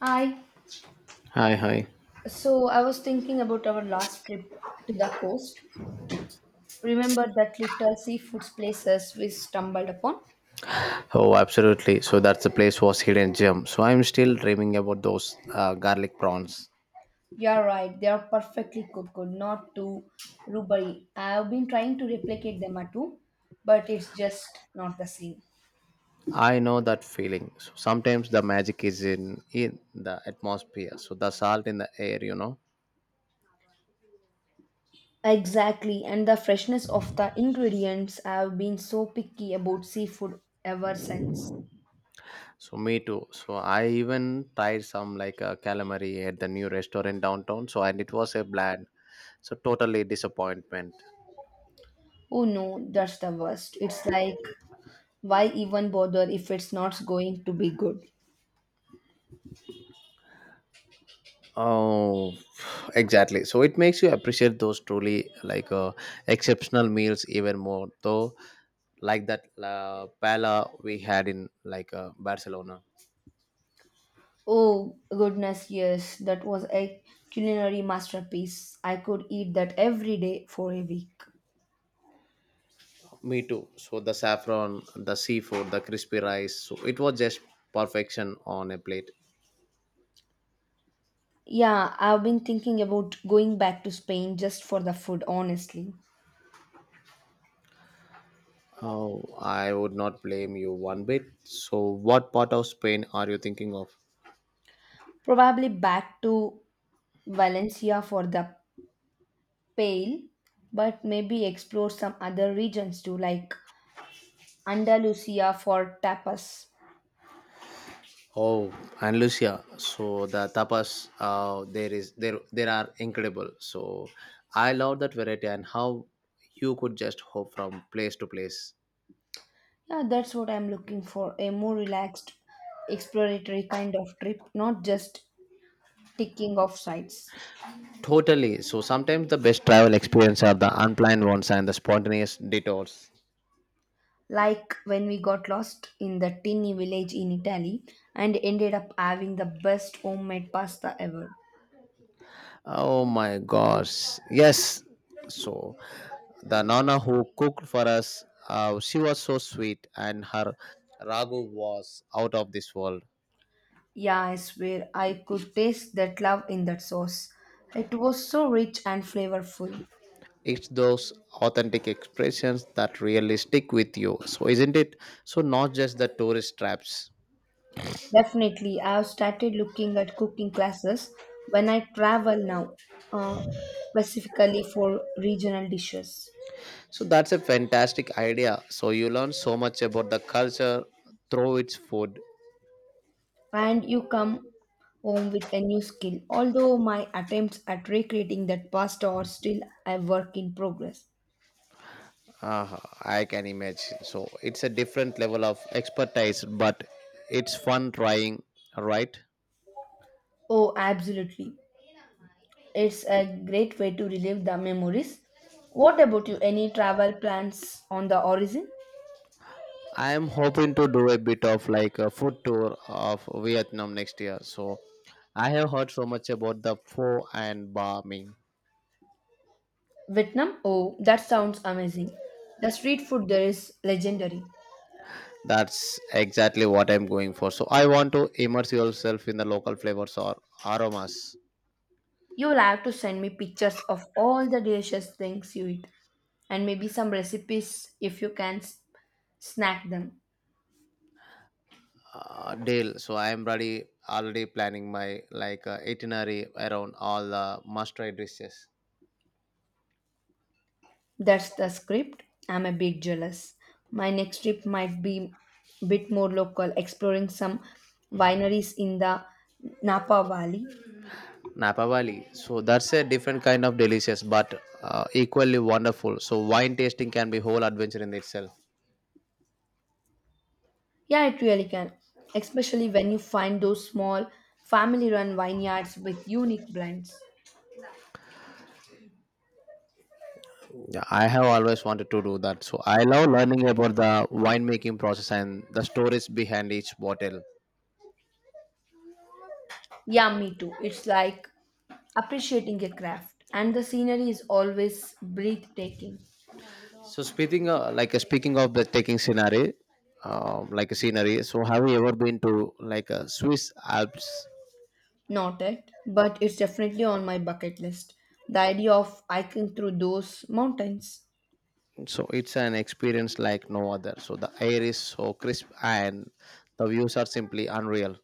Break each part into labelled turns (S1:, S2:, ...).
S1: Hi.
S2: Hi, hi.
S1: So I was thinking about our last trip to the coast. Remember that little seafood places we stumbled upon?
S2: Oh, absolutely. So that's the place was hidden gem. So I'm still dreaming about those garlic prawns.
S1: You're right, they are perfectly cooked, not too rubbery. I've been trying to replicate them at home, but it's just not the same.
S2: I know that feeling. So sometimes the magic is in the atmosphere. So the salt in the air, you know.
S1: Exactly, and the freshness of the ingredients. I've been so picky about seafood ever since.
S2: So me too. So I even tried some like a calamari at the new restaurant downtown. So and it was a bland. So totally disappointment.
S1: Oh no, that's the worst. It's like, why even bother if it's not going to be good?
S2: Oh, exactly. So it makes you appreciate those truly like exceptional meals even more. Though, like that pala we had in like Barcelona.
S1: Oh goodness, yes, that was a culinary masterpiece. I could eat that every day for a week.
S2: Me too. So the saffron, the seafood, the crispy rice. So it was just perfection on a plate.
S1: Yeah, I've been thinking about going back to Spain just for the food, honestly.
S2: Oh, I would not blame you one bit. So, what part of Spain are you thinking of?
S1: Probably back to Valencia for the pale, but maybe explore some other regions too, like Andalusia for tapas.
S2: Oh, and Lucia. So the tapas there is there there are incredible. So I love that variety and how you could just hop from place to place.
S1: Yeah, that's what I'm looking for, a more relaxed, exploratory kind of trip, not just ticking off sites.
S2: Totally. So sometimes the best travel experience are the unplanned ones and the spontaneous detours.
S1: Like when we got lost in the tiny village in Italy and ended up having the best homemade pasta ever.
S2: Oh my gosh. Yes. So the nana who cooked for us, she was so sweet and her ragu was out of this world.
S1: Yeah, I swear I could taste that love in that sauce. It was so rich and flavorful.
S2: It's those authentic expressions that really stick with you, so isn't it? So not just the tourist traps.
S1: Definitely, I have started looking at cooking classes when I travel now, uh, specifically for regional dishes.
S2: So that's a fantastic idea, so you learn so much about the culture through its food.
S1: And you come home with a new skill, although my attempts at recreating that pasta are still a work in progress.
S2: uh, I can imagine, so it's a different level of expertise, but it's fun trying, right?
S1: Oh, absolutely. It's a great way to relive the memories. What about you? Any travel plans on the horizon?
S2: I am hoping to do a bit of like a food tour of Vietnam next year. So I have heard so much about the pho and ba mein.
S1: Vietnam? Oh, that sounds amazing. The street food there is legendary.
S2: That's exactly what I'm going for. So I want to immerse yourself in the local flavors or aromas.
S1: You'll have to send me pictures of all the delicious things you eat and maybe some recipes if you can snack them.
S2: Dale, so I am ready already planning my like itinerary around all the must-try dishes.
S1: That's the script. I'm a bit jealous. My next trip might be a bit more local, exploring some wineries in the Napa Valley.
S2: Napa Valley, so that's a different kind of delicious, but equally wonderful. So wine tasting can be whole adventure in itself.
S1: Yeah, it really can, especially when you find those small family run vineyards with unique blends.
S2: Yeah, I have always wanted to do that. So I love learning about the winemaking process and the stories behind each bottle.
S1: Yeah, me too. It's like appreciating a craft, and the scenery is always breathtaking.
S2: So speaking of, like speaking of the taking scenery, like a scenery. So have you ever been to like a Swiss Alps?
S1: Not it, but it's definitely on my bucket list. The idea of hiking through those mountains.
S2: So it's an experience like no other. So the air is so crisp and the views are simply unreal.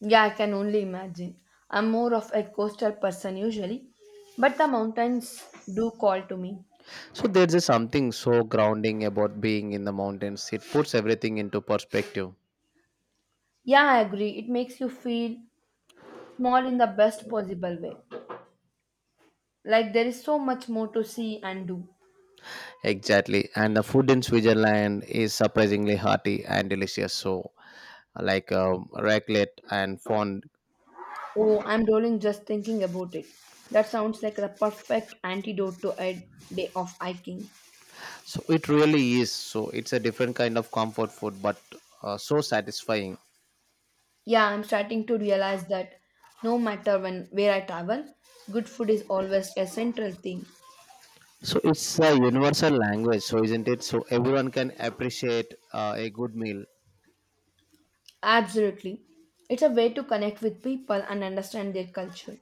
S1: Yeah, I can only imagine. I'm more of a coastal person usually, but the mountains do call to me.
S2: So there's just something so grounding about being in the mountains. It puts everything into perspective.
S1: Yeah, I agree. It makes you feel small in the best possible way. Like there is so much more to see and do.
S2: Exactly, and the food in Switzerland is surprisingly hearty and delicious. So, like raclette and fond.
S1: Oh, I'm rolling just thinking about it. That sounds like the perfect antidote to a day of hiking.
S2: So it really is. So it's a different kind of comfort food, but so satisfying.
S1: Yeah, I'm starting to realize that no matter when where I travel, good food is always a central theme.
S2: So it's a universal language, so isn't it? So everyone can appreciate a good meal
S1: Absolutely. It's a way to connect with people and understand their culture.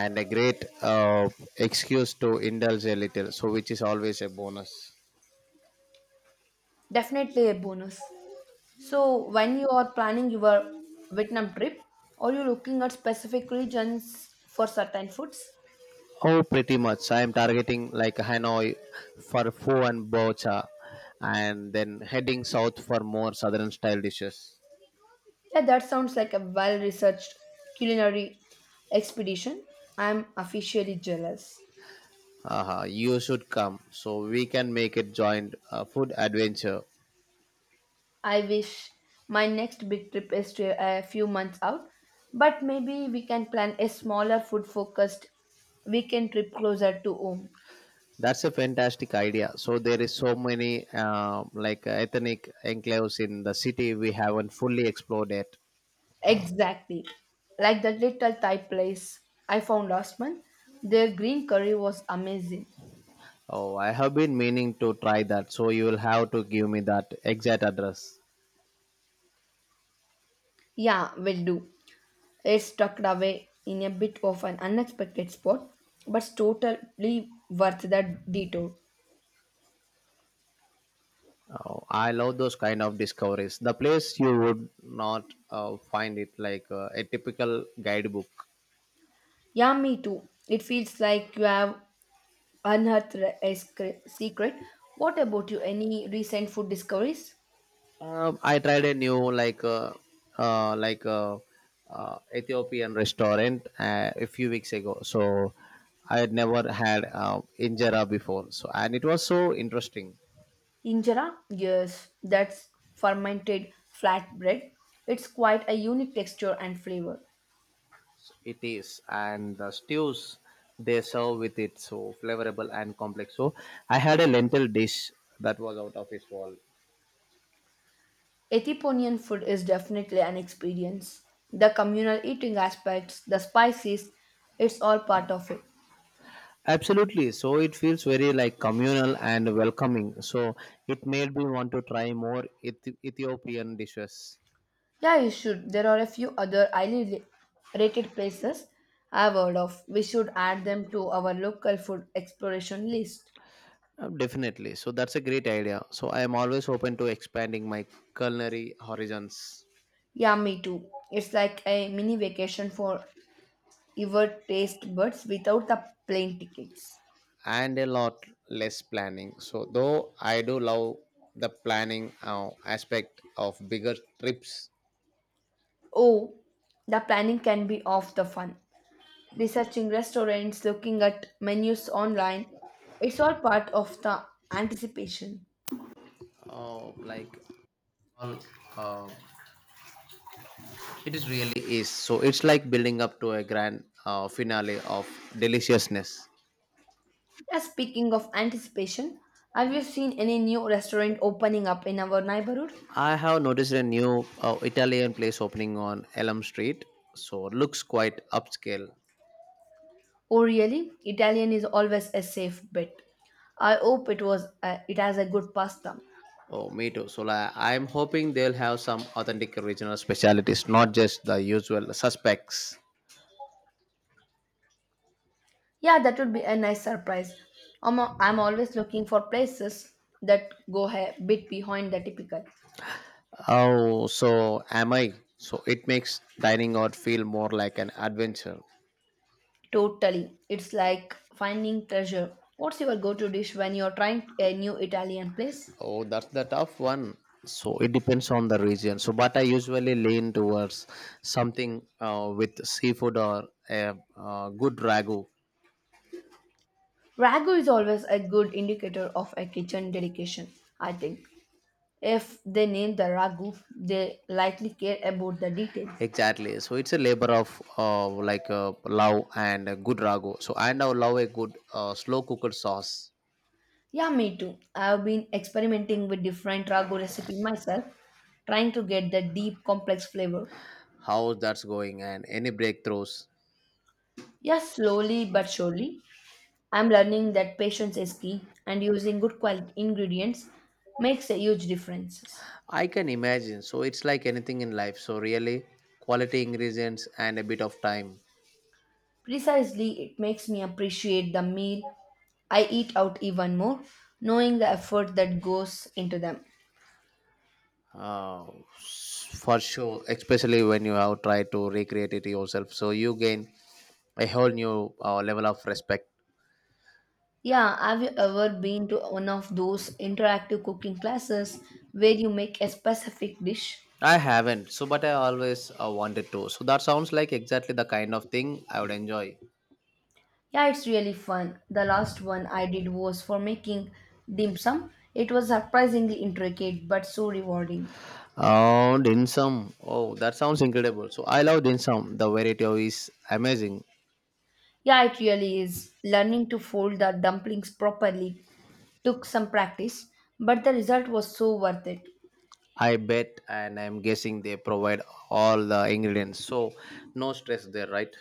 S2: and a great excuse to indulge a little. So which is always a bonus.
S1: Definitely a bonus. So, when you are planning your Vietnam trip, are you looking at specific regions for certain foods?
S2: Oh, pretty much. I am targeting like Hanoi for pho and bocha, and then heading south for more southern style dishes.
S1: Yeah, that sounds like a well researched culinary expedition. I'm officially jealous.
S2: Aha, you should come. So we can make it joint food adventure.
S1: I wish my next big trip is to a few months out, but maybe we can plan a smaller food focused weekend trip closer to home.
S2: That's a fantastic idea. So there is so many like ethnic enclaves in the city we haven't fully explored yet.
S1: Exactly. Like that little Thai place I found last month. Their green curry was amazing.
S2: Oh, I have been meaning to try that. So you will have to give me that exact address.
S1: Yeah, will do. It's tucked away in a bit of an unexpected spot, but it's totally worth that detour.
S2: Oh, I love those kind of discoveries. The place you would not find it like a typical guidebook.
S1: Yeah, me too. It feels like you have unearthed a secret. What about you? Any recent food discoveries?
S2: I tried a new uh, like uh, Ethiopian restaurant a few weeks ago. So I had never had injera before. So and it was so interesting.
S1: Injera? Yes, that's fermented flatbread. It's quite a unique texture and flavor.
S2: It is, and the stews they serve with it so flavorable and complex. So I had a lentil dish that was out of this world.
S1: Ethiopian food is definitely an experience. The communal eating aspects, the spices, it's all part of it.
S2: Absolutely. So it feels very like communal and welcoming. So it made me want to try more Ethiopian dishes.
S1: Yeah, you should. There are a few other highly rated places I've heard of. We should add them to our local food exploration list.
S2: Definitely. So that's a great idea. So I am always open to expanding my culinary horizons
S1: Yeah, me too. It's like a mini vacation for your taste buds without the plane tickets.
S2: and a lot less planning. So though I do love the planning aspect of bigger trips.
S1: Oh, the planning can be off the fun. Researching restaurants, looking at menus online. It's all part of the anticipation.
S2: uh, like all, uh, it is really is. So it's like building up to a grand finale of deliciousness.
S1: Yeah, speaking of anticipation, have you seen any new restaurant opening up in our neighborhood?
S2: I have noticed a new Italian place opening on Elm Street. So it looks quite upscale.
S1: Oh, really? Italian is always a safe bet. I hope it has a good pasta.
S2: Oh, me too. So like, I'm hoping they'll have some authentic regional specialities, not just the usual suspects.
S1: Yeah, that would be a nice surprise. I'm always looking for places that go a bit behind the typical.
S2: Oh, so am I? So it makes dining out feel more like an adventure.
S1: Totally. It's like finding treasure. What's your go to dish when you're trying a new Italian place?
S2: Oh, that's the tough one. So it depends on the region. So, but I usually lean towards something with seafood or a good ragu.
S1: Ragu is always a good indicator of a kitchen dedication, I think. If they name the ragu, they likely care about the details.
S2: Exactly. So it's a labor of like love and a good ragu. So and I now love a good slow cooked sauce.
S1: Yeah, me too. I've been experimenting with different ragu recipe myself, trying to get the deep, complex flavor.
S2: How that's going, and any breakthroughs?
S1: Yes, slowly but surely. I'm learning that patience is key, and using good quality ingredients makes a huge difference.
S2: I can imagine, so it's like anything in life, so really quality ingredients and a bit of time.
S1: Precisely, it makes me appreciate the meal I eat out even more, knowing the effort that goes into them.
S2: uh, for sure, especially when you have tried to recreate it yourself, so you gain a whole new level of respect.
S1: Yeah, have you ever been to one of those interactive cooking classes where you make a specific dish?
S2: I haven't, so but I always wanted to, so that sounds like exactly the kind of thing I would enjoy.
S1: Yeah, it's really fun. The last one I did was for making dim sum. It was surprisingly intricate but so rewarding.
S2: Oh, dim sum. Oh, that sounds incredible. So I love dim sum. The variety of is amazing.
S1: Yeah, it really is. Learning to fold the dumplings properly took some practice, but the result was so worth it.
S2: I bet, and I'm guessing they provide all the ingredients, so no stress there, right?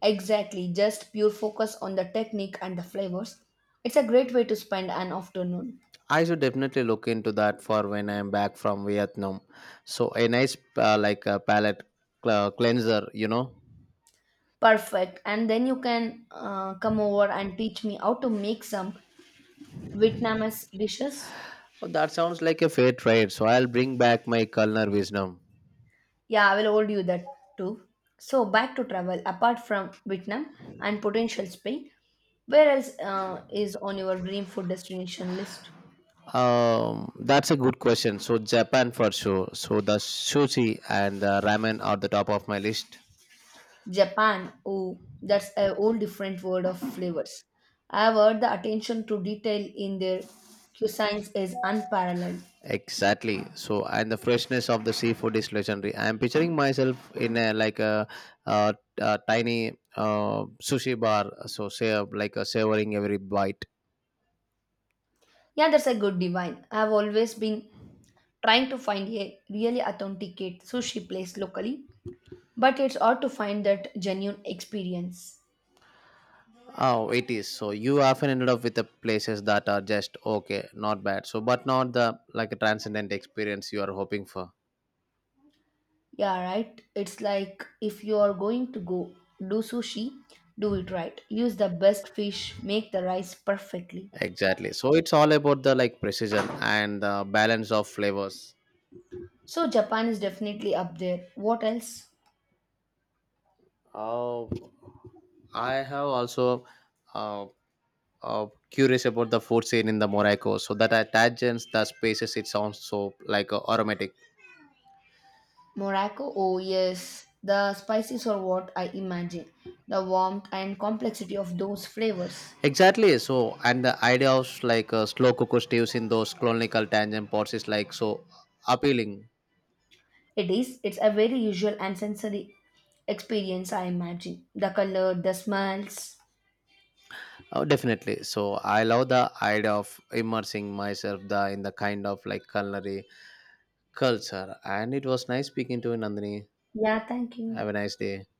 S1: Exactly, just pure focus on the technique and the flavors. It's a great way to spend an afternoon.
S2: I should definitely look into that for when I'm back from Vietnam. So a nice like a palate cleanser, you know.
S1: Perfect. And then you can come over and teach me how to make some Vietnamese dishes.
S2: Oh, that sounds like a fair trade. So I'll bring back my culinary wisdom.
S1: Yeah, I will hold you that too. So back to travel. Apart from Vietnam and potential Spain, where else is on your dream food destination list?
S2: That's a good question. So Japan for sure. So the sushi and the ramen are the top of my list.
S1: Japan, oh, that's a whole different world of flavors. However, the attention to detail in their cuisines is unparalleled.
S2: Exactly. So, and the freshness of the seafood is legendary. I am picturing myself in a like a tiny sushi bar. So, say like a savoring every bite.
S1: Yeah, that's a good divine. I've always been trying to find a really authenticate sushi place locally, but it's hard to find that genuine experience.
S2: Oh, it is. So, you often ended up with the places that are just okay, not bad. So, but not the like a transcendent experience you are hoping for.
S1: Yeah, right. It's like if you are going to go do sushi, do it right. Use the best fish, make the rice perfectly.
S2: Exactly. So, it's all about the like precision and the balance of flavors.
S1: So Japan is definitely up there. What else?
S2: Oh, I have also. Uh, Curious about the food scene in the Morocco. So that attachments the spaces. It sounds so like aromatic.
S1: Morocco, oh yes, the spices are what I imagine. The warmth and complexity of those flavors.
S2: Exactly. So and the idea of like slow cooker stews in those colonial tangent pots is like so appealing.
S1: It is, it's a very usual and sensory experience, I imagine. The color, the smells.
S2: Oh, definitely. So I love the idea of immersing myself the in the kind of like culinary culture. And it was nice speaking to you, Nandini.
S1: Yeah, thank you.
S2: Have a nice day.